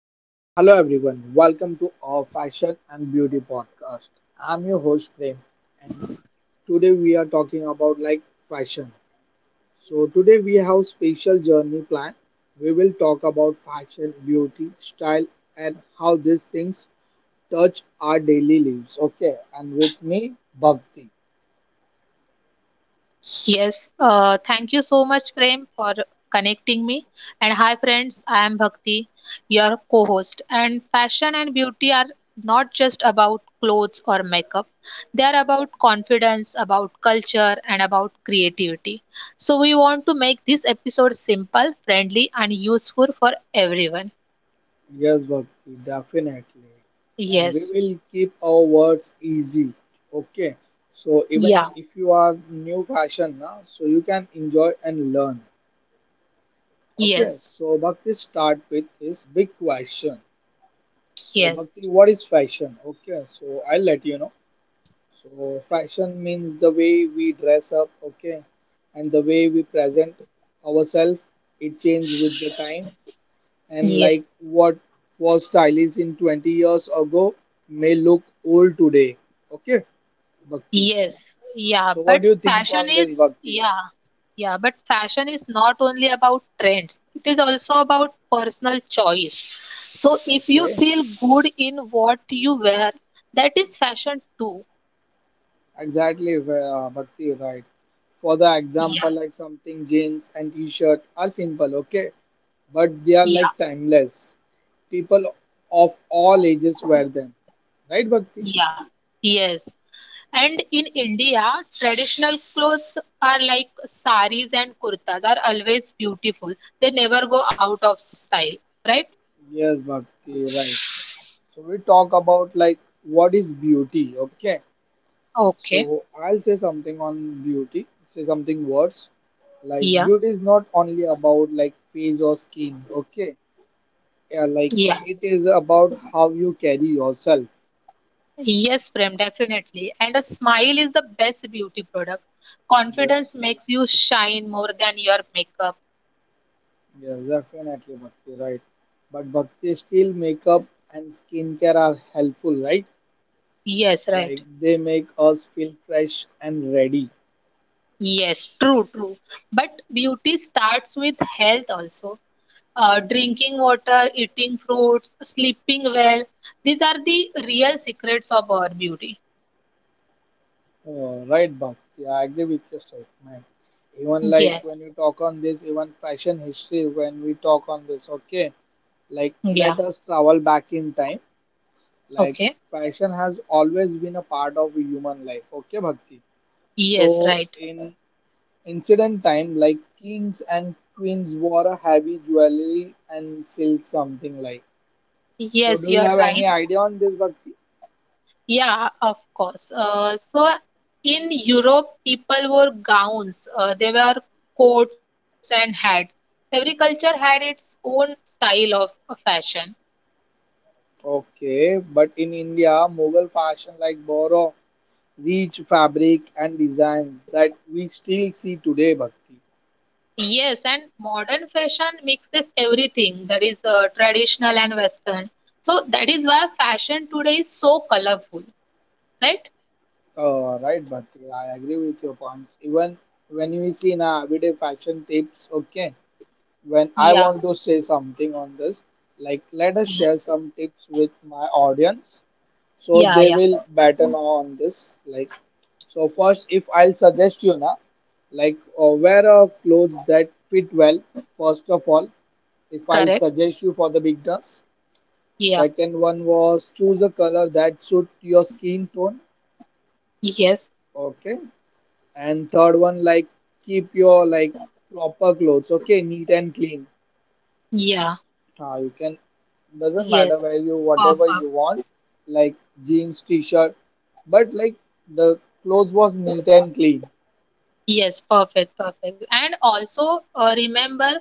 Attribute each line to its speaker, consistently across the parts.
Speaker 1: So, hello everyone, welcome to our fashion and beauty podcast. I'm your host Prem, and today we are talking about fashion. So, today we have special journey plan. We will talk about fashion, beauty, style, and how these things touch our daily lives. Okay, and with me, Bhakti.
Speaker 2: Yes, thank you so much, Prem, for connecting me. And hi, friends, I am Bhakti, your co host. And fashion and beauty are not just about clothes or makeup, they are about confidence, about culture, and about creativity. So, we want to make this episode simple, friendly, and useful for everyone.
Speaker 1: Yes, Bhakti, definitely. And we
Speaker 2: Yes,
Speaker 1: will keep our words easy. Okay. So even
Speaker 2: yeah,
Speaker 1: if you are new fashion now, so you can enjoy and learn. Okay.
Speaker 2: yes,
Speaker 1: So Bhakti start with his big question. So
Speaker 2: yes,
Speaker 1: Bhakti, what is fashion? Okay. So I'll let you know. So fashion means the way we dress up. Okay. And the way we present ourselves. It changes with the time. And
Speaker 2: yes.
Speaker 1: like what was stylish in 20 years ago may look old today. Okay, Bhakti.
Speaker 2: Yes, yeah,
Speaker 1: So what
Speaker 2: but
Speaker 1: do you think
Speaker 2: fashion
Speaker 1: on this,
Speaker 2: is,
Speaker 1: Bhakti?
Speaker 2: yeah, yeah, but fashion is not only about trends, it is also about personal choice. So if you
Speaker 1: Okay,
Speaker 2: feel good in what you wear, that is fashion too.
Speaker 1: exactly, Bhakti, right. For the
Speaker 2: Yeah,
Speaker 1: example, like something jeans and t-shirt are simple, okay, but they are
Speaker 2: yeah,
Speaker 1: like timeless. People of all ages wear them, right, Bhakti?
Speaker 2: yeah, yes. And in India, traditional clothes are like saris and kurtas are always beautiful. They never go out of style, right?
Speaker 1: Yes, Bhakti, right. So we talk about like what is beauty, okay?
Speaker 2: Okay,
Speaker 1: So I'll say something on beauty, say something worse. Like
Speaker 2: yeah,
Speaker 1: beauty is not only about like face or skin, okay? Yeah, like
Speaker 2: yeah.
Speaker 1: it is about how you carry yourself.
Speaker 2: Yes, Prem, definitely. And a smile is the best beauty product.
Speaker 1: Yes,
Speaker 2: Confidence makes you shine more than your makeup.
Speaker 1: yes, definitely, Bhakti, right? But Bhakti still makeup and skincare are helpful, right?
Speaker 2: Yes, right.
Speaker 1: Like they make us feel fresh and ready.
Speaker 2: Yes, true, true. But beauty starts with health also. Drinking water, eating fruits, sleeping well. These are the real secrets of our beauty.
Speaker 1: Oh, right, Bhakti, I agree with your statement, even like
Speaker 2: Yes.
Speaker 1: when you talk on this, even fashion history when we talk on this, okay, like
Speaker 2: Yeah.
Speaker 1: let us travel back in time, like
Speaker 2: Okay.
Speaker 1: fashion has always been a part of human life, okay, Bhakti.
Speaker 2: Yes,
Speaker 1: So
Speaker 2: right.
Speaker 1: in ancient time, like kings and queens wore a heavy jewelry and silk, something like, so
Speaker 2: Yes,
Speaker 1: do
Speaker 2: you
Speaker 1: you
Speaker 2: are
Speaker 1: have any
Speaker 2: right.
Speaker 1: idea on this, Bhakti?
Speaker 2: Yeah, of course. So in Europe, people wore gowns. They were coats and hats. Every culture had its own style of fashion.
Speaker 1: Okay, but in India Mughal fashion like borrow rich fabric and designs that we still see today, Bhakti.
Speaker 2: Yes, and modern fashion mixes everything that is traditional and Western. So that is why fashion today is so colorful, right?
Speaker 1: Right, but I agree with your points. Even when you see in a everyday fashion tips, okay, when I
Speaker 2: Yeah,
Speaker 1: want to say something on this, like let us
Speaker 2: yes,
Speaker 1: share some tips with my audience so
Speaker 2: yeah,
Speaker 1: they
Speaker 2: yeah,
Speaker 1: will better know on this. Like, so first, if I'll suggest you now, like wear a clothes that fit well, first of all, if I'll
Speaker 2: correct.
Speaker 1: suggest you for the beginners.
Speaker 2: Yeah,
Speaker 1: Second one was choose a color that suit your skin tone.
Speaker 2: yes,
Speaker 1: Okay. And third one, like keep your like proper clothes, okay, neat and clean.
Speaker 2: yeah,
Speaker 1: Ah, you can doesn't
Speaker 2: yes.
Speaker 1: matter where you whatever you
Speaker 2: Perfect.
Speaker 1: want, like jeans, t-shirt, but like the clothes was neat and clean.
Speaker 2: Yes, perfect, perfect. And also remember,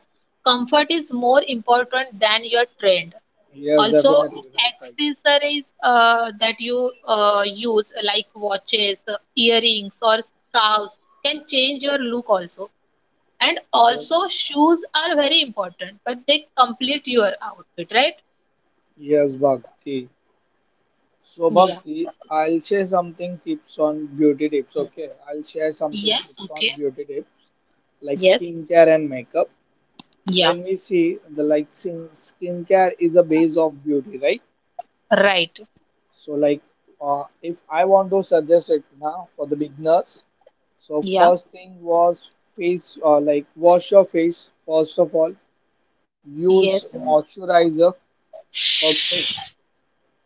Speaker 2: comfort is more important than your trend.
Speaker 1: Yes,
Speaker 2: Also,
Speaker 1: definitely right, right.
Speaker 2: accessories that you use, like watches, earrings, or scarves, can change your look also. And
Speaker 1: Yes,
Speaker 2: also, shoes are very important, but they complete your outfit, right?
Speaker 1: yes, Bhakti. So
Speaker 2: Yeah.
Speaker 1: Bhakti, I'll share something tips on beauty tips, okay? I'll share something
Speaker 2: Yes.
Speaker 1: tips
Speaker 2: Okay.
Speaker 1: on beauty tips like
Speaker 2: Yes.
Speaker 1: skincare and makeup.
Speaker 2: Yeah.
Speaker 1: When we see the like skin skincare is a base of beauty, right?
Speaker 2: Right.
Speaker 1: So like if I want to suggest it now for the beginners, so
Speaker 2: Yeah.
Speaker 1: first thing was face like wash your face first of all, use
Speaker 2: Yes.
Speaker 1: moisturizer, okay,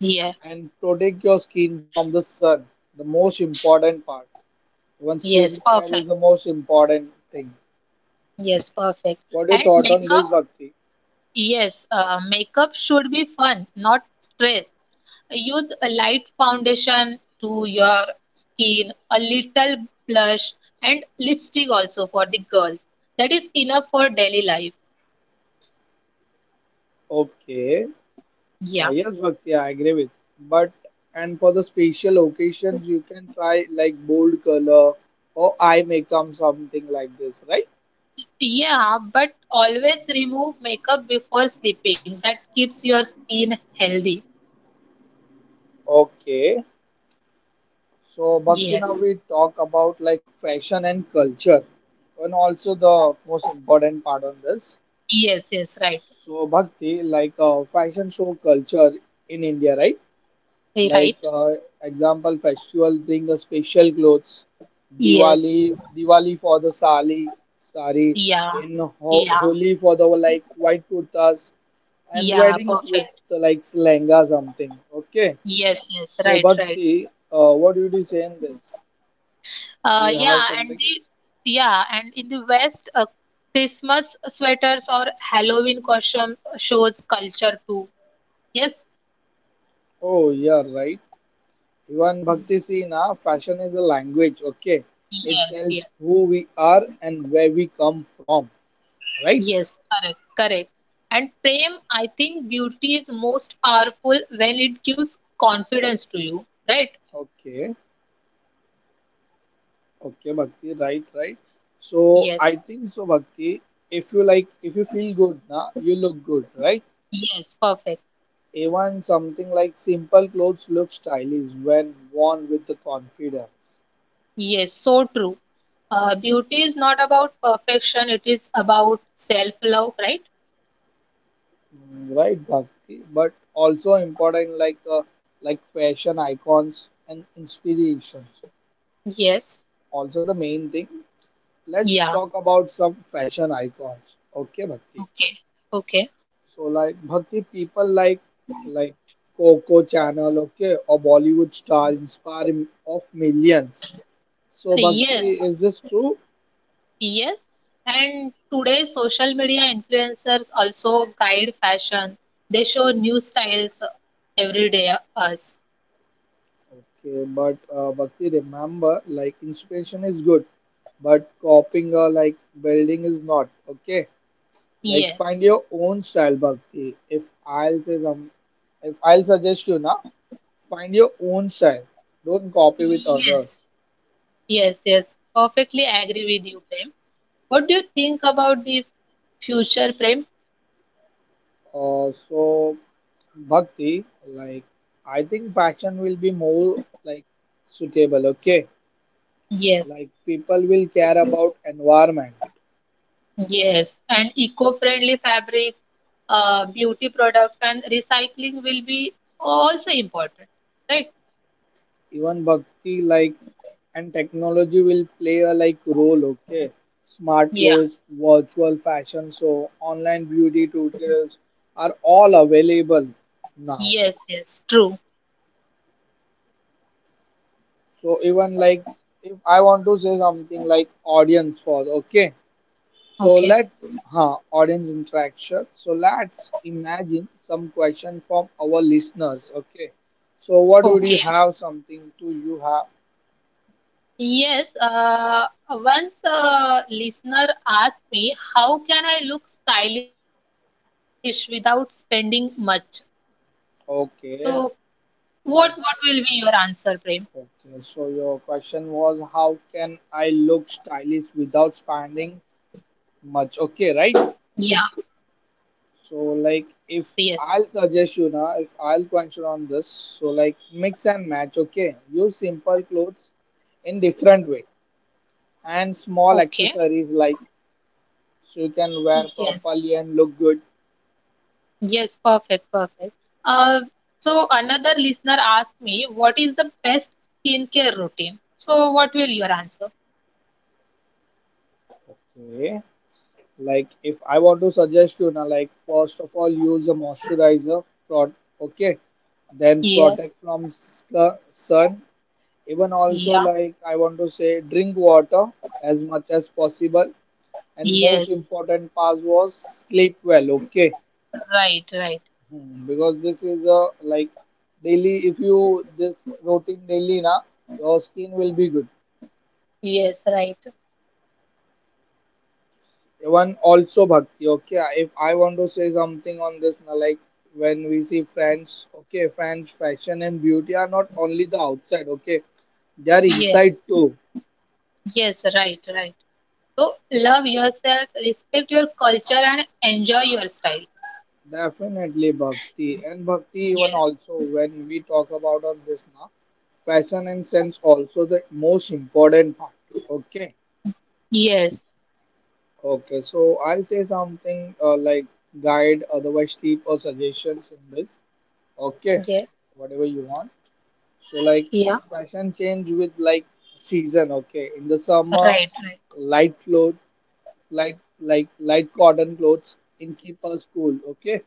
Speaker 2: Yeah.
Speaker 1: and protect your skin from the sun, the most important part, even
Speaker 2: Yes.
Speaker 1: skincare is
Speaker 2: Perfect.
Speaker 1: the most important thing.
Speaker 2: Yes. Perfect.
Speaker 1: What do you
Speaker 2: And
Speaker 1: thought on
Speaker 2: makeup.
Speaker 1: this, Bhakti?
Speaker 2: Yes, makeup should be fun, not stress. Use a light foundation to your skin, a little blush, and lipstick also for the girls. That is enough for daily life.
Speaker 1: Okay,
Speaker 2: Yeah.
Speaker 1: yes, Bhakti, I agree with. But and for the special occasions, you can try like bold color or eye makeup, something like this, right?
Speaker 2: Yeah, but always remove makeup before sleeping. That keeps your skin healthy.
Speaker 1: Okay. So Bhakti, now
Speaker 2: Yes.
Speaker 1: we talk about like fashion and culture, and also the most important part on this.
Speaker 2: Yes, yes, right.
Speaker 1: So Bhakti, like fashion show culture in India, right?
Speaker 2: Eh,
Speaker 1: Like
Speaker 2: right?
Speaker 1: example festival bring a special clothes,
Speaker 2: Yes.
Speaker 1: diwali diwali for the sari
Speaker 2: Yeah.
Speaker 1: in
Speaker 2: Yeah.
Speaker 1: holi for the like white kurtas, and
Speaker 2: Yeah,
Speaker 1: wedding with
Speaker 2: perfect.
Speaker 1: the, like lehenga something, okay.
Speaker 2: Yes, yes,
Speaker 1: So
Speaker 2: right, right.
Speaker 1: Bhakti, what did you say in this? Do you have
Speaker 2: Yeah, and
Speaker 1: something?
Speaker 2: the yeah, and in the West, Christmas sweaters or Halloween costume shows culture too. Yes,
Speaker 1: Oh yeah, right. Even Bhakti see na fashion is a language, okay, it
Speaker 2: yes,
Speaker 1: tells
Speaker 2: yes,
Speaker 1: who we are and where we come from, right?
Speaker 2: yes, correct, correct. And Prem, I think beauty is most powerful when it gives confidence to you, right?
Speaker 1: Okay. Okay, Bhakti, right, right. So
Speaker 2: Yes,
Speaker 1: I think so, Bhakti. If you like, if you feel good, na, you look good, right?
Speaker 2: yes, perfect.
Speaker 1: Even something like simple clothes look stylish when worn with the confidence.
Speaker 2: Yes, so true. Beauty is not about perfection, it is about self-love, right?
Speaker 1: Mm, right, Bhakti? But also important like fashion icons and inspirations.
Speaker 2: Yes,
Speaker 1: Also the main thing. Let's
Speaker 2: yeah,
Speaker 1: talk about some fashion icons. Okay, Bhakti.
Speaker 2: okay, okay.
Speaker 1: So like bhakti people like Coco channel, okay, or Bollywood star inspire of millions.
Speaker 2: Uh,
Speaker 1: So Bhakti is
Speaker 2: Yes,
Speaker 1: this true?
Speaker 2: Yes, and today social media influencers also guide fashion. They show new styles every day us.
Speaker 1: Okay, but Bhakti remember like inspiration is good, but copying or like building is not. Okay, like
Speaker 2: Yes.
Speaker 1: find your own style, Bhakti. If I'll say some, if I'll suggest you now, find your own style. Don't copy with
Speaker 2: Yes.
Speaker 1: others.
Speaker 2: Yes, yes. Perfectly agree with you, Prem. What do you think about the future, Prem?
Speaker 1: So Bhakti, like I think fashion will be more like suitable, okay?
Speaker 2: Yes.
Speaker 1: Like people will care about environment.
Speaker 2: Yes. And eco-friendly fabrics, beauty products and recycling will be also important, right?
Speaker 1: Even Bhakti like and technology will play a like role, okay? Smart
Speaker 2: Yeah.
Speaker 1: clothes, virtual fashion so online beauty tutorials are all available now.
Speaker 2: Yes, yes. True.
Speaker 1: So even like if I want to say something like audience for, okay? So
Speaker 2: Okay.
Speaker 1: let's, huh, audience interaction. So let's imagine some question from our listeners. Okay. So what would you
Speaker 2: Okay.
Speaker 1: have? Something to you have?
Speaker 2: Yes, once a listener asked me, how can I look stylish without spending much? So,
Speaker 1: Okay.
Speaker 2: what will be your
Speaker 1: So-
Speaker 2: answer, Prem?
Speaker 1: Okay. So your question was how can I look stylish without spending much? Okay, right?
Speaker 2: Yeah, yes,
Speaker 1: So
Speaker 2: yes.
Speaker 1: like if I'll suggest you now, if I'll consider on this, so like mix and match. Okay. Use simple clothes in different way and small
Speaker 2: Okay.
Speaker 1: accessories like so you can wear
Speaker 2: Yes.
Speaker 1: properly and look good.
Speaker 2: Yes, perfect, perfect. Uh, so another listener asked me, what is the best skincare routine? So, what will your answer?
Speaker 1: Okay. Like if I want to suggest you now, like first of all use a moisturizer prod, okay. Then
Speaker 2: Yes.
Speaker 1: protect from the sun. Even also
Speaker 2: Yeah.
Speaker 1: like I want to say drink water as much as possible. And most
Speaker 2: Yes.
Speaker 1: important part was sleep well, okay?
Speaker 2: Right, right.
Speaker 1: Hmm, because this is a like daily if you this routine daily na your skin will be good.
Speaker 2: Yes, right.
Speaker 1: One also Bhakti. Okay, if I want to say something on this, na, like when we see French, okay, French fashion and beauty are not only the outside, okay, they are
Speaker 2: Yes.
Speaker 1: inside too.
Speaker 2: Yes, right, right. So love yourself, respect your culture, and enjoy your style.
Speaker 1: Definitely Bhakti, and Bhakti even
Speaker 2: Yes,
Speaker 1: also when we talk about on this na fashion and sense also the most important part. Okay,
Speaker 2: yes,
Speaker 1: okay. So I'll say something like guide, otherwise tip or suggestions in this. Okay,
Speaker 2: yes,
Speaker 1: whatever you want. So like
Speaker 2: yeah,
Speaker 1: fashion change with like season. Okay, in the summer,
Speaker 2: right, right.
Speaker 1: light clothes, light cotton clothes, and keep us cool. Okay,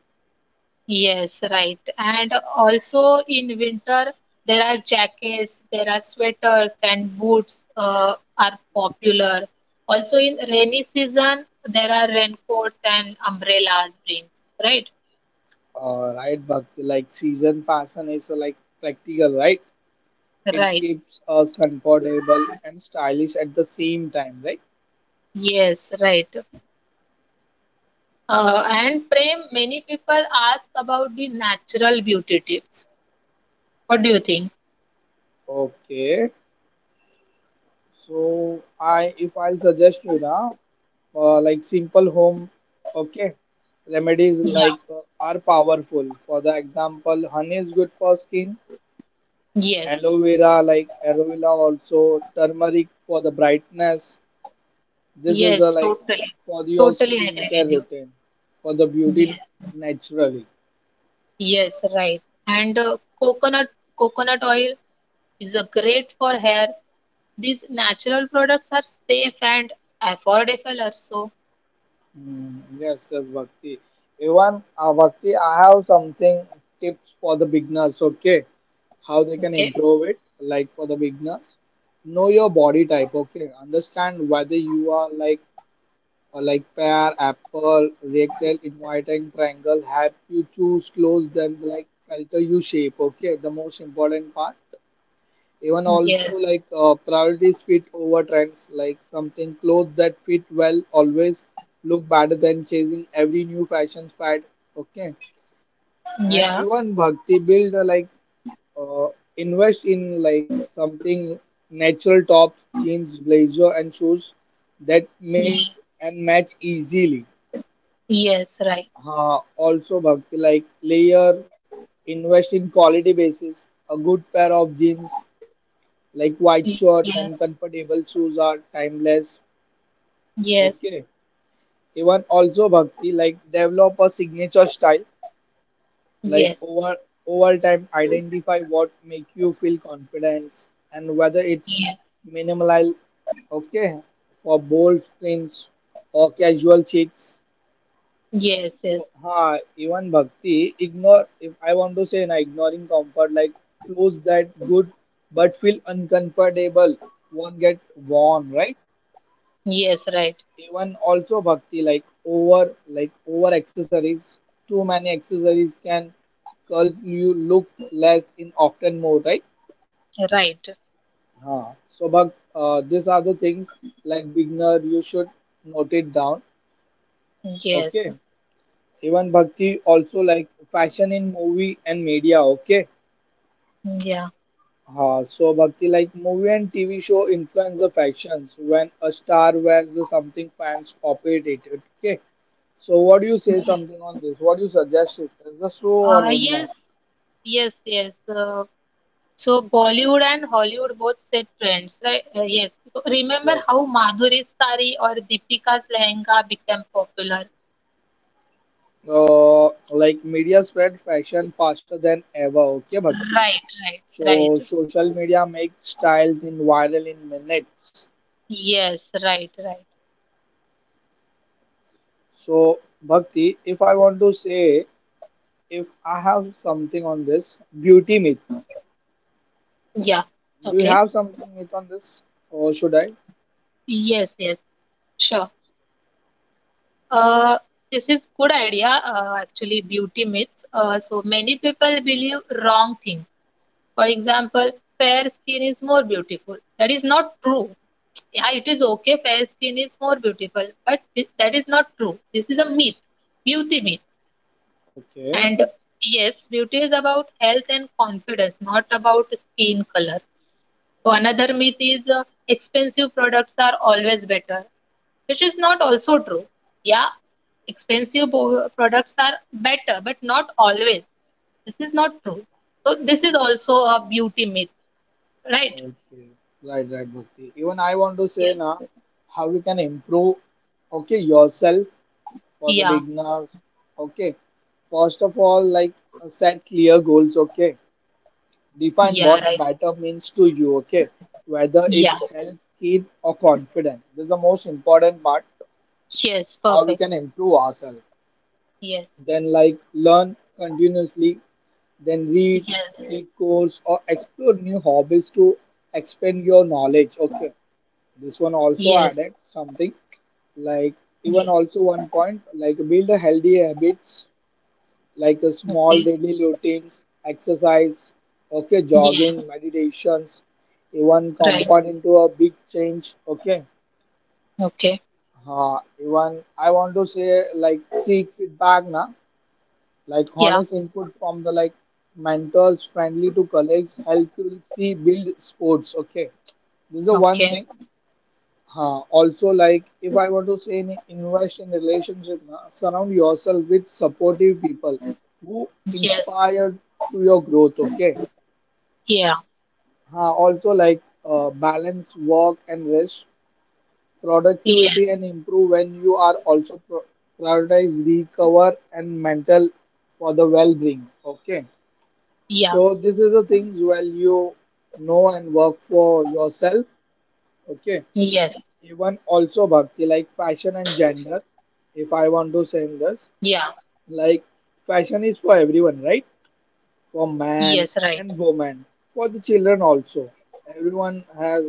Speaker 2: Yes, right. And also in winter, there are jackets, there are sweaters, and boots are popular. Also in rainy season, there are raincoats and umbrellas brings, right?
Speaker 1: right, but like season fashion is like practical, right? It
Speaker 2: Right.
Speaker 1: keeps us comfortable and stylish at the same time, right?
Speaker 2: Yes, right. And Prem, many people ask about the natural beauty tips. What do you think?
Speaker 1: Okay, so I if I suggest you now like simple home, okay, remedies
Speaker 2: Yeah,
Speaker 1: like are powerful for the example honey is good for skin,
Speaker 2: yes,
Speaker 1: aloe vera, like aloe vera also turmeric for the brightness, this is a,
Speaker 2: yes,
Speaker 1: like
Speaker 2: totally,
Speaker 1: for your
Speaker 2: totally agree
Speaker 1: skincare
Speaker 2: with you.
Speaker 1: routine, for the beauty
Speaker 2: Yes,
Speaker 1: naturally.
Speaker 2: yes, right. And coconut oil is a great for hair. These natural products are safe and affordable also.
Speaker 1: Mm, yes, yes, Bhakti. Even Bhakti, I have something tips for the beginners. Okay, how they can
Speaker 2: Okay.
Speaker 1: improve it, like for the beginners, know your body type. Okay, understand whether you are like pear, apple, rectangle, inviting, triangle. Have you choose close than like filter you shape. Okay, the most important part. Even also
Speaker 2: Yes.
Speaker 1: like priorities fit over trends, like something clothes that fit well always look better than chasing every new fashion fad. Okay, and
Speaker 2: Yeah.
Speaker 1: even Bhakti build uh, invest in like something natural tops, jeans, blazer, and shoes that mix and match easily.
Speaker 2: Yes, right.
Speaker 1: Also, Bhakti like layer invest in quality basis, a good pair of jeans like white
Speaker 2: Yes.
Speaker 1: shirt and comfortable shoes are timeless.
Speaker 2: Yes.
Speaker 1: Okay. Even also Bhakti like develop a signature style, like
Speaker 2: Yes.
Speaker 1: over time identify what make you feel confidence and whether it's
Speaker 2: Yes.
Speaker 1: minimal, okay, for bold prints or casual chicks.
Speaker 2: Yes. Yes.
Speaker 1: So ha even Bhakti ignore if I want to say na ignoring comfort like clothes that good but feel uncomfortable won't get worn, right?
Speaker 2: Yes, right.
Speaker 1: Even also bhakti like over accessories, too many accessories can cause you look less in often more, right?
Speaker 2: Right.
Speaker 1: Huh. So but these are the things like beginner you should note it down,
Speaker 2: Yes.
Speaker 1: okay. Even Bhakti also like fashion in movie and media, okay.
Speaker 2: Yeah.
Speaker 1: Uh, so Bhakti like movie and TV show influence the fashions when a star wears the something fans copied it, okay. So what do you say something on this? What do you suggest is this so or not?
Speaker 2: Yes. Yes. Yes. So Bollywood and Hollywood both set trends, right? Yes. So remember
Speaker 1: Yes.
Speaker 2: how Madhuri's sari or Deepika's lehenga became popular?
Speaker 1: Like media spread fashion faster than ever. Okay, Bhakti.
Speaker 2: Right, right,
Speaker 1: So
Speaker 2: right.
Speaker 1: social media makes styles in viral in minutes.
Speaker 2: Yes, right, right.
Speaker 1: So Bhakti, if I want to say, if I have something on this beauty myth,
Speaker 2: Yeah.
Speaker 1: do you
Speaker 2: Okay.
Speaker 1: have something myth on this, or should I?
Speaker 2: Yes, yes. Sure. Uh, this is good idea. Actually, beauty myths. So many people believe wrong things. For example, fair skin is more beautiful. That is not true. Yeah, it is okay, fair skin is more beautiful, but that is not true. This is a myth, beauty myth.
Speaker 1: Okay.
Speaker 2: And yes, beauty is about health and confidence, not about skin color. So another myth is expensive products are always better, which is not also true. Yeah, expensive products are better, but not always. This is not true. So this is also a beauty myth, right?
Speaker 1: Okay, right, right, Bhakti. Even I want to
Speaker 2: Yeah,
Speaker 1: say now how you can improve, okay, yourself for the
Speaker 2: yeah,
Speaker 1: beginners. Okay, first of all, like set clear goals. Okay, define
Speaker 2: yeah,
Speaker 1: what
Speaker 2: right.
Speaker 1: better means to you. Okay, whether
Speaker 2: Yeah,
Speaker 1: it's health, skill, or confidence. This is the most important part.
Speaker 2: yes,
Speaker 1: How we
Speaker 2: perfect.
Speaker 1: can improve ourselves.
Speaker 2: Yes.
Speaker 1: Then, like learn continuously. Then read,
Speaker 2: Yes,
Speaker 1: take course, or explore new hobbies to expand your knowledge. Okay. This one
Speaker 2: yes,
Speaker 1: also added something like
Speaker 2: yes,
Speaker 1: even also one point like build a healthy habits like a small
Speaker 2: okay,
Speaker 1: daily routines, exercise, okay,
Speaker 2: yes,
Speaker 1: jogging, meditations, even
Speaker 2: right,
Speaker 1: compound into a big change, okay.
Speaker 2: okay,
Speaker 1: Even I want to say like seek feedback na, like
Speaker 2: yeah,
Speaker 1: honest input from the like mentors friendly to colleagues help you see build sports, okay, this is the one
Speaker 2: okay,
Speaker 1: thing. Also, like if I want to say, invest in relationship, na, surround yourself with supportive people who
Speaker 2: yes,
Speaker 1: inspire to your growth. Okay.
Speaker 2: yeah,
Speaker 1: Also, like balance work and rest, productivity
Speaker 2: yes,
Speaker 1: and improve when you are also prioritize recover and mental for the well-being. Okay.
Speaker 2: yeah,
Speaker 1: So this is the things well you know and work for yourself. Okay.
Speaker 2: yes,
Speaker 1: Even also Bhakti, like fashion and gender, if I want to say
Speaker 2: yeah,
Speaker 1: in this, like fashion is for everyone, right? For
Speaker 2: yes, right,
Speaker 1: man and woman, for the children also, everyone has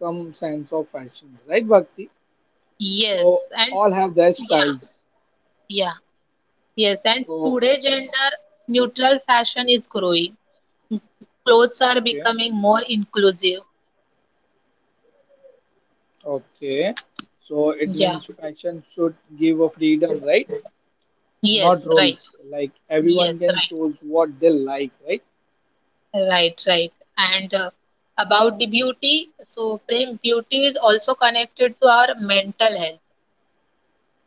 Speaker 1: some sense of fashion, right, Bhakti? So
Speaker 2: yes, and
Speaker 1: all have their styles.
Speaker 2: yeah, yeah, yes, and
Speaker 1: So
Speaker 2: today gender neutral fashion is growing. Clothes are
Speaker 1: okay,
Speaker 2: becoming more inclusive.
Speaker 1: okay, so it
Speaker 2: Yeah,
Speaker 1: means fashion should give a freedom, right? Not
Speaker 2: yes, right,
Speaker 1: rules, like everyone
Speaker 2: yes,
Speaker 1: can
Speaker 2: right,
Speaker 1: choose what they like, right?
Speaker 2: right, right, and about the beauty, so Prem, beauty is also connected to our mental health.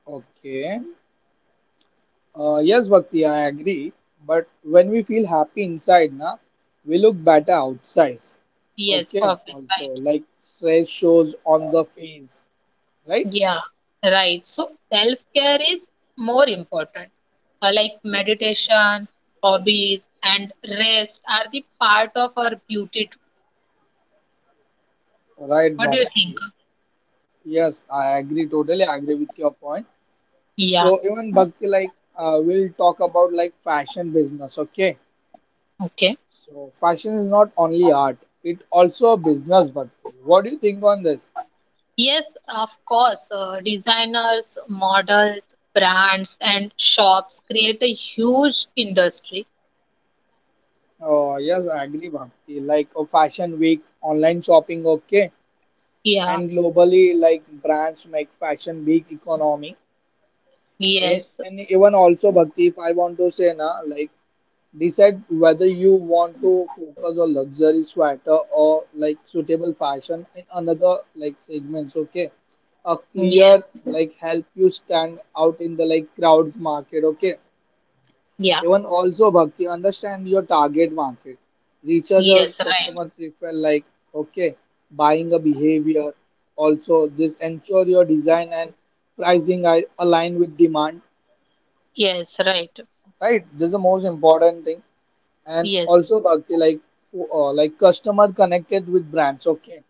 Speaker 1: Okay. Yes, Bhakti, I agree. But when we feel happy inside, na, we look better outside.
Speaker 2: Yes,
Speaker 1: Okay,
Speaker 2: perfect. Right.
Speaker 1: also like stress shows on the face, right?
Speaker 2: Yeah, right. So self-care is more important. Like
Speaker 1: Yeah.
Speaker 2: meditation, hobbies, and rest are the part of our beauty too.
Speaker 1: Right,
Speaker 2: What do you think?
Speaker 1: Bhakti. Yes, I agree. Totally agree with your point.
Speaker 2: Yeah,
Speaker 1: So even Bhakti, like, we'll talk about like fashion business. Okay,
Speaker 2: okay.
Speaker 1: so fashion is not only art; it also a business, Bhakti. What do you think on this?
Speaker 2: Yes, of course. Designers, models, brands, and shops create a huge industry.
Speaker 1: Oh, yes, I agree, Bhakti. Like a fashion week, online shopping, okay.
Speaker 2: Yeah,
Speaker 1: And globally like brands make fashion big economy.
Speaker 2: yes,
Speaker 1: And even also Bhakti, if I want to say na, like decide whether you want to focus on luxury sweater or like suitable fashion in another like segments, okay, a
Speaker 2: yes,
Speaker 1: clear like help you stand out in the like crowd market, okay.
Speaker 2: yeah,
Speaker 1: Even also, Bhakti, understand your target market. Recharge a
Speaker 2: yes, right.
Speaker 1: customer prefer like, okay, buying a behavior. Also, this ensure your design and pricing are aligned with demand.
Speaker 2: Yes, right.
Speaker 1: Right, this is the most important thing. And
Speaker 2: Yes,
Speaker 1: also, Bhakti, like, like customer connected with brands. Okay,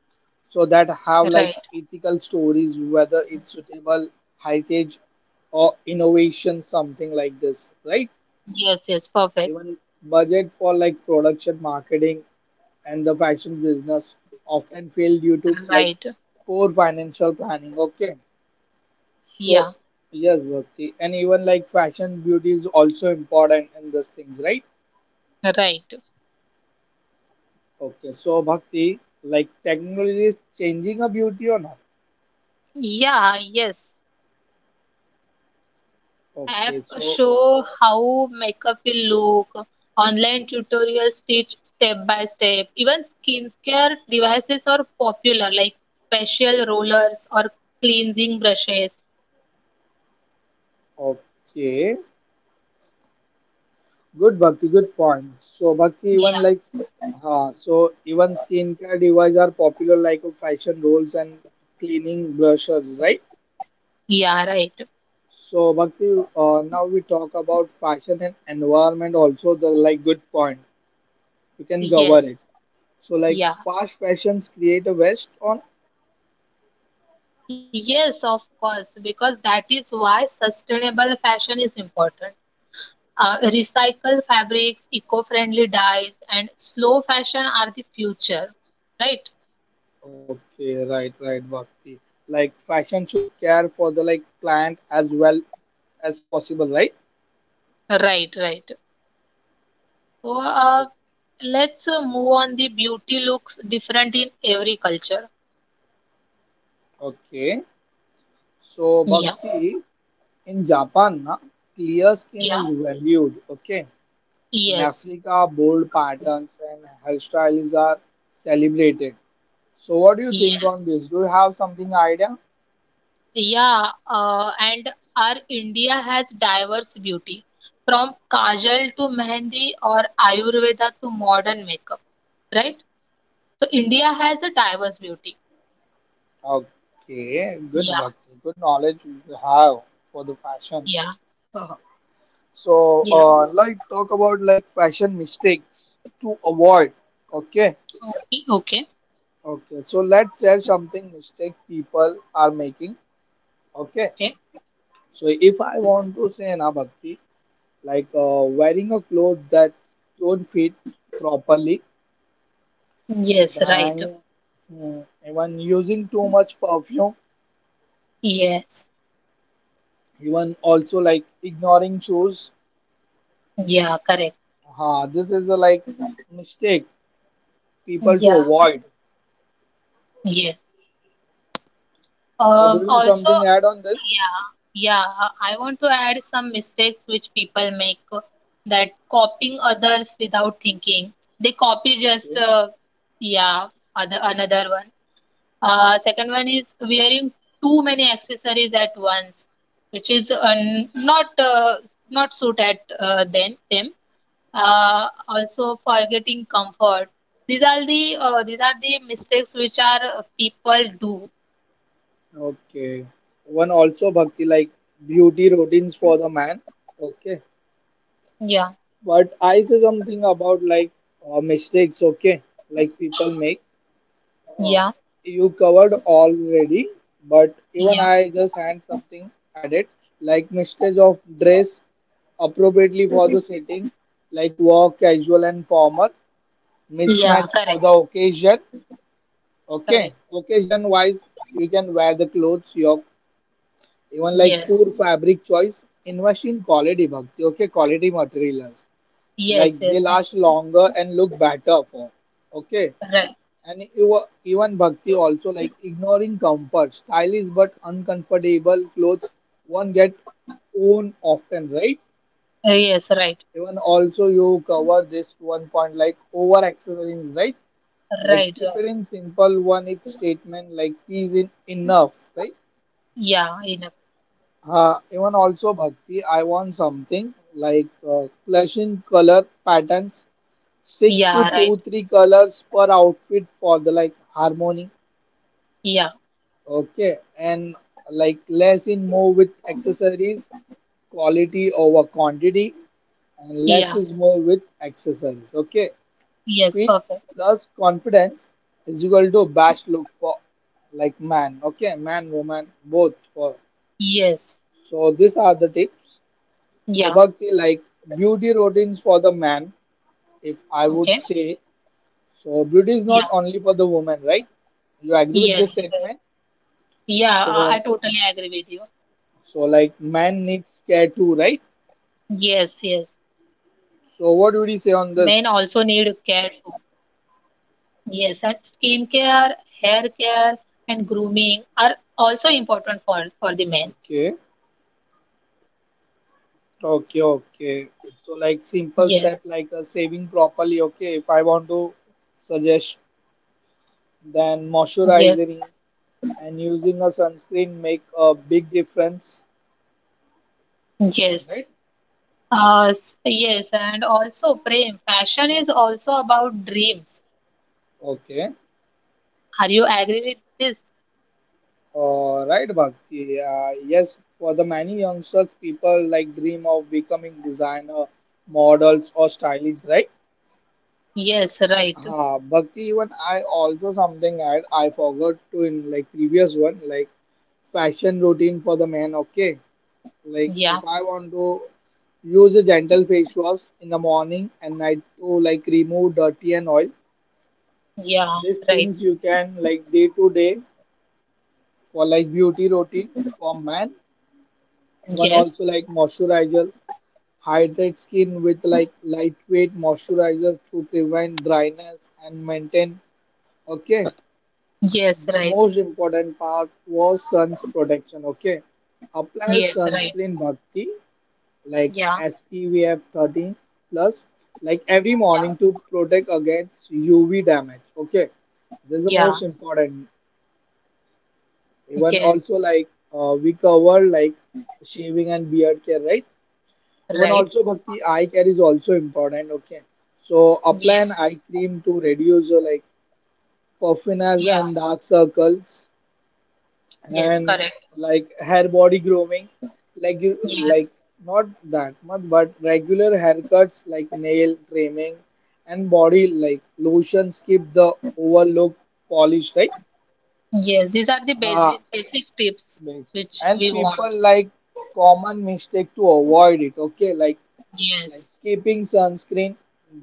Speaker 1: so that
Speaker 2: right.
Speaker 1: have like ethical stories, whether it's suitable heritage or innovation, something like this. Right.
Speaker 2: Yes, yes, perfect.
Speaker 1: Even budget for like production, marketing, and the fashion business often fail due to
Speaker 2: Right.
Speaker 1: like poor financial planning. Okay,
Speaker 2: Yeah,
Speaker 1: so yes, Bhakti, and even like fashion beauty is also important in these things, right?
Speaker 2: right.
Speaker 1: Okay, so Bhakti, like technology is changing a beauty or not?
Speaker 2: Yeah, yes. App
Speaker 1: Okay, so
Speaker 2: show how makeup will look. Online tutorials teach step by step. Even skincare devices are popular, like facial rollers or cleansing brushes.
Speaker 1: okay, good Bhakti, good point. So Bhakti, even
Speaker 2: Yeah,
Speaker 1: like, so even skincare devices are popular, like fashion rolls and cleaning brushes, right?
Speaker 2: yeah, right.
Speaker 1: So Bhakti, now we talk about fashion and environment also. The like good point. We can cover it.
Speaker 2: Yes,
Speaker 1: So like
Speaker 2: yeah.
Speaker 1: fast fashions create a waste on.
Speaker 2: Yes, of course, because that is why sustainable fashion is important. Recycled fabrics, eco-friendly dyes, and slow fashion are the future, right?
Speaker 1: Okay, right, right, Bhakti. Like fashion should care for the like plant as well as possible, right?
Speaker 2: Right, right. So uh,
Speaker 1: O-
Speaker 2: let's move on. The beauty looks different in every culture.
Speaker 1: Okay. So
Speaker 2: Yeah.
Speaker 1: Bhakti, in Japan, na, clear skin
Speaker 2: Yeah.
Speaker 1: is valued. Okay. In
Speaker 2: Yes.
Speaker 1: Africa, bold patterns and hairstyles are celebrated. So, what do you think
Speaker 2: Yes.
Speaker 1: on this? Do you have something idea?
Speaker 2: Yeah. And our India has diverse beauty, from kajal to mehendi or Ayurveda to modern makeup, right? So India has a diverse beauty.
Speaker 1: Okay, good
Speaker 2: Yeah.
Speaker 1: Bhakti, good knowledge you have for the fashion.
Speaker 2: Yeah.
Speaker 1: So,
Speaker 2: Yeah.
Speaker 1: like talk about like fashion mistakes to avoid. Okay,
Speaker 2: Okay. Okay.
Speaker 1: okay. So let's share something mistake people are making. Okay.
Speaker 2: Okay.
Speaker 1: So if I want to say na Bhakti, like wearing a clothes that don't fit properly.
Speaker 2: Yes, right.
Speaker 1: Then, even using too much perfume,
Speaker 2: Yes.
Speaker 1: even also like ignoring shoes,
Speaker 2: Yeah, correct.
Speaker 1: ha this is a like mistake people to
Speaker 2: Yeah,
Speaker 1: avoid.
Speaker 2: yes.
Speaker 1: So do
Speaker 2: Um,
Speaker 1: you
Speaker 2: also,
Speaker 1: something add on this?
Speaker 2: yeah, yeah, I want to add some mistakes which people make, that copying others without thinking. They copy just,
Speaker 1: Okay,
Speaker 2: yeah, other, another one. Second one is wearing too many accessories at once, which is not uh, not suit at then them. Also forgetting comfort. These are the mistakes which are people do.
Speaker 1: okay, one also Bhakti, like beauty routines for the man, okay,
Speaker 2: Yeah,
Speaker 1: but I say something about like mistakes, okay, like people make. Uh,
Speaker 2: yeah,
Speaker 1: you covered already, but even
Speaker 2: yeah,
Speaker 1: I just had something added, like mixture of dress appropriately for the setting, like work, casual and formal,
Speaker 2: yeah.
Speaker 1: mismatch for
Speaker 2: Correct,
Speaker 1: the occasion. Okay,
Speaker 2: correct.
Speaker 1: occasion wise, you can wear the clothes. Your even like
Speaker 2: Yes,
Speaker 1: poor fabric choice, invest in quality Bhakti. Okay, quality materials,
Speaker 2: yes,
Speaker 1: like they
Speaker 2: yes. Right,
Speaker 1: last longer and look better for. Okay,
Speaker 2: right.
Speaker 1: and even Bhakti also like ignoring comfort, stylish but uncomfortable clothes one get own often, right?
Speaker 2: Yes, right,
Speaker 1: Even also you cover this one point like over accessories, right? Like
Speaker 2: right,
Speaker 1: keep
Speaker 2: right.
Speaker 1: it in simple, one it statement like is in enough, right?
Speaker 2: Yeah, enough.
Speaker 1: Even also Bhakti, I want something like clashing color patterns, six to
Speaker 2: Yeah, right.
Speaker 1: two three colors per outfit for the like harmony.
Speaker 2: Yeah,
Speaker 1: Okay, and like less in more with accessories, quality over quantity, and less
Speaker 2: yeah.
Speaker 1: is more with accessories. Okay,
Speaker 2: Yes,
Speaker 1: fit
Speaker 2: perfect.
Speaker 1: plus confidence is equal to best look for like man. Okay, man, woman, both for.
Speaker 2: Yes,
Speaker 1: So these are the tips. So
Speaker 2: yeah.
Speaker 1: Bhakti, like beauty routines for the man, if I would
Speaker 2: Okay.
Speaker 1: say. So beauty is
Speaker 2: Yeah,
Speaker 1: not only for the woman, right? You agree with this
Speaker 2: yes, right.
Speaker 1: statement?
Speaker 2: Yeah, I
Speaker 1: So
Speaker 2: I totally agree with you.
Speaker 1: Like man needs care too, right?
Speaker 2: Yes, yes. Men
Speaker 1: So what
Speaker 2: also
Speaker 1: would you say
Speaker 2: need
Speaker 1: on
Speaker 2: care
Speaker 1: this?
Speaker 2: too. Yes, and skincare, hair care, and grooming are also important for the men.
Speaker 1: Okay, okay, okay. So like simple step, like saving properly. Okay, if I want to suggest, then moisturizing and using a sunscreen make a big difference,
Speaker 2: Yes,
Speaker 1: right?
Speaker 2: yes, and also Prem, passion is also about dreams.
Speaker 1: Okay.
Speaker 2: Are you agree with this?
Speaker 1: All right, Bhakti. Yes, for the many youngsters, people like dream of becoming designer, models, or stylists, right?
Speaker 2: Yes, right.
Speaker 1: Bhakti, even I also something I forgot to in like previous one, like fashion routine for the man. Okay, like
Speaker 2: Yeah,
Speaker 1: if I want to use a gentle face wash in the morning and night to like remove dirty and oil.
Speaker 2: yeah,
Speaker 1: These
Speaker 2: right.
Speaker 1: things you can like day to day for like beauty routine for man. One
Speaker 2: Yes,
Speaker 1: also like moisturizer, hydrate skin with like lightweight moisturizer to prevent dryness and maintain. Okay.
Speaker 2: yes,
Speaker 1: The
Speaker 2: right.
Speaker 1: most important part was sun's protection. Okay, apply
Speaker 2: Yes, right.
Speaker 1: sunscreen Bhakti, like
Speaker 2: Yeah,
Speaker 1: SPF 30 plus, like every
Speaker 2: yeah,
Speaker 1: morning, to protect against UV damage. Okay, this is the most
Speaker 2: yeah.
Speaker 1: important. Even
Speaker 2: Yes,
Speaker 1: also like we covered like shaving and beard care, right? Even
Speaker 2: right.
Speaker 1: also Bhakti, eye care is also important. Okay, so apply an
Speaker 2: Yes,
Speaker 1: eye cream to reduce your like puffiness and
Speaker 2: yeah,
Speaker 1: dark circles,
Speaker 2: yes,
Speaker 1: and
Speaker 2: correct.
Speaker 1: like hair body grooming, like you
Speaker 2: Yes,
Speaker 1: like not that much but regular haircuts, like nail trimming and body like lotions keep the overlook polished, right?
Speaker 2: yes. These are the
Speaker 1: ah,
Speaker 2: basic tips
Speaker 1: Basically.
Speaker 2: which
Speaker 1: And
Speaker 2: we
Speaker 1: people
Speaker 2: want.
Speaker 1: like common mistake to avoid it, okay, like
Speaker 2: Yes,
Speaker 1: skipping sunscreen,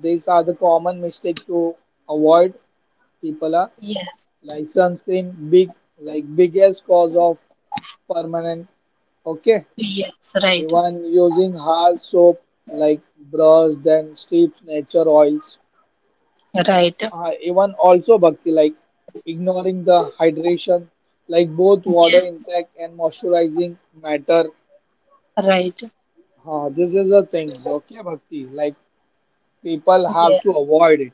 Speaker 1: these are the common mistake to avoid, people are
Speaker 2: yes,
Speaker 1: like sunscreen big like biggest cause of permanent, okay.
Speaker 2: yes, right,
Speaker 1: Even using harsh soap like brush, then steep nature oils.
Speaker 2: right.
Speaker 1: Even also Bhakti, like ignoring the hydration, like both water
Speaker 2: Yes,
Speaker 1: intake and moisturizing matter.
Speaker 2: right.
Speaker 1: This is the things, okay, Bhakti. Like people have
Speaker 2: Yes,
Speaker 1: to avoid it.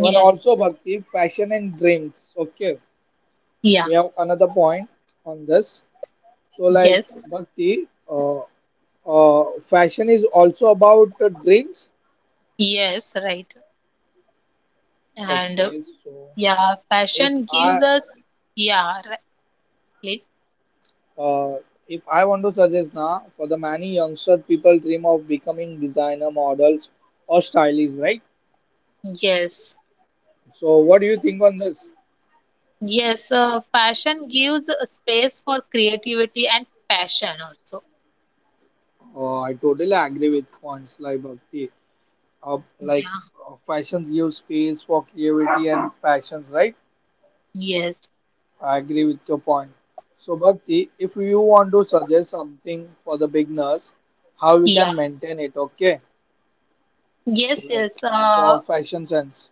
Speaker 1: Even also Bhakti, fashion and drinks. Okay,
Speaker 2: Yeah.
Speaker 1: we have another point on this. So like
Speaker 2: Yes,
Speaker 1: Bhakti, fashion is also about drinks.
Speaker 2: yes, right. And
Speaker 1: Okay, so
Speaker 2: yeah,
Speaker 1: if
Speaker 2: fashion gives
Speaker 1: I
Speaker 2: us, yeah, right, please.
Speaker 1: uh, if I want to suggest, now for the many youngster people dream of becoming designer models or stylists, right?
Speaker 2: Yes,
Speaker 1: So what do you think on this?
Speaker 2: yes, fashion gives a space for creativity and passion also.
Speaker 1: I totally agree with points like Bhakti. Like
Speaker 2: Yeah,
Speaker 1: fashions give space for creativity and passions, right?
Speaker 2: yes,
Speaker 1: I agree with your point. So Bhakti, if you want to suggest something for the beginners, how you
Speaker 2: yeah,
Speaker 1: can maintain it? Okay.
Speaker 2: yes,
Speaker 1: Like
Speaker 2: yes.
Speaker 1: for fashion sense.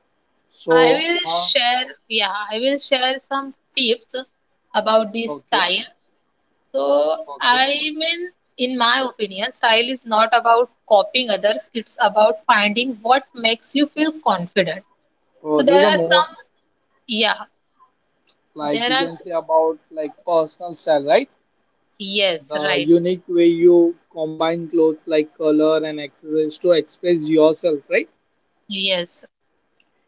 Speaker 1: So, huh?
Speaker 2: I will share some tips about this
Speaker 1: Okay,
Speaker 2: style. I
Speaker 1: okay.
Speaker 2: mean, in my opinion, style is not about copying others, it's about finding what makes you feel confident.
Speaker 1: So
Speaker 2: So
Speaker 1: this is
Speaker 2: there
Speaker 1: a
Speaker 2: are
Speaker 1: more
Speaker 2: some, yeah,
Speaker 1: like
Speaker 2: there
Speaker 1: you
Speaker 2: are,
Speaker 1: can say
Speaker 2: s-
Speaker 1: about like personal style, right?
Speaker 2: Yes,
Speaker 1: The
Speaker 2: right,
Speaker 1: unique way you combine clothes like color and accessories to express yourself, right?
Speaker 2: yes.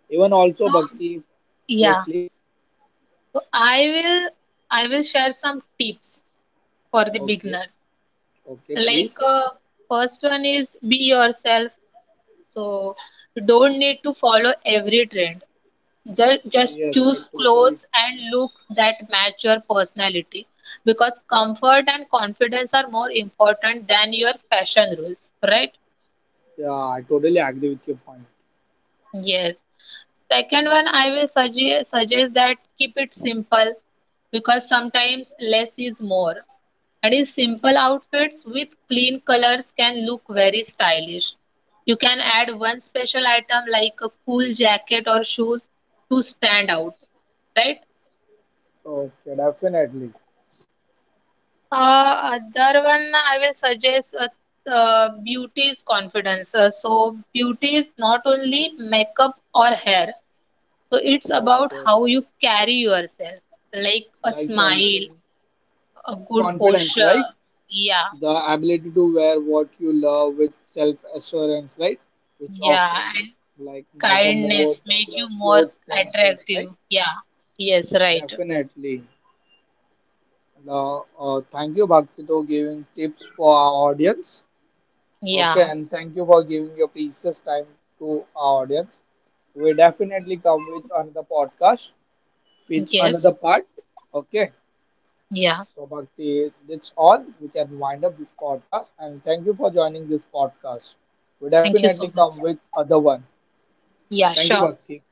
Speaker 1: Even also
Speaker 2: So,
Speaker 1: Bhakti. Yes,
Speaker 2: yeah,
Speaker 1: please.
Speaker 2: so I will, I will share some tips for the
Speaker 1: Okay,
Speaker 2: beginners.
Speaker 1: okay,
Speaker 2: Like,
Speaker 1: please.
Speaker 2: first one is be yourself. So, you don't need to follow every trend. Just, just
Speaker 1: Yes,
Speaker 2: choose clothes and looks that match your personality because comfort and confidence are more important than your fashion rules, right?
Speaker 1: yeah, I totally agree with your point.
Speaker 2: Yes. Second one, I will suggest that keep it simple because sometimes less is more. And in simple outfits with clean colors can look very stylish. You can add one special item like a cool jacket or shoes to stand out, right?
Speaker 1: Okay, definitely.
Speaker 2: Other one I will suggest, beauty is confidence. So beauty is not only makeup or hair. So it's about
Speaker 1: Okay,
Speaker 2: how
Speaker 1: okay.
Speaker 2: you carry yourself, like a
Speaker 1: Like
Speaker 2: smile,
Speaker 1: something
Speaker 2: a good
Speaker 1: confidence,
Speaker 2: posture.
Speaker 1: right?
Speaker 2: Yeah,
Speaker 1: The ability to wear what you love with self assurance, right? Which
Speaker 2: yeah,
Speaker 1: often
Speaker 2: and
Speaker 1: like matter more
Speaker 2: kindness
Speaker 1: than
Speaker 2: make you
Speaker 1: the
Speaker 2: more
Speaker 1: clothes themselves,
Speaker 2: attractive.
Speaker 1: right?
Speaker 2: Yeah, yes, right.
Speaker 1: Definitely. Thank you, Bhakti, for giving tips for our audience. Okay,
Speaker 2: Yeah,
Speaker 1: and thank you for giving your precious time to our audience. We definitely come with another podcast with
Speaker 2: yes,
Speaker 1: another part. Okay.
Speaker 2: yeah.
Speaker 1: So, Bhakti, that's all. We can wind up this podcast. And thank you for joining this podcast. We
Speaker 2: Thank you so
Speaker 1: definitely
Speaker 2: much.
Speaker 1: come with other one.
Speaker 2: Yeah,
Speaker 1: Thank you,
Speaker 2: sure.
Speaker 1: Bhakti.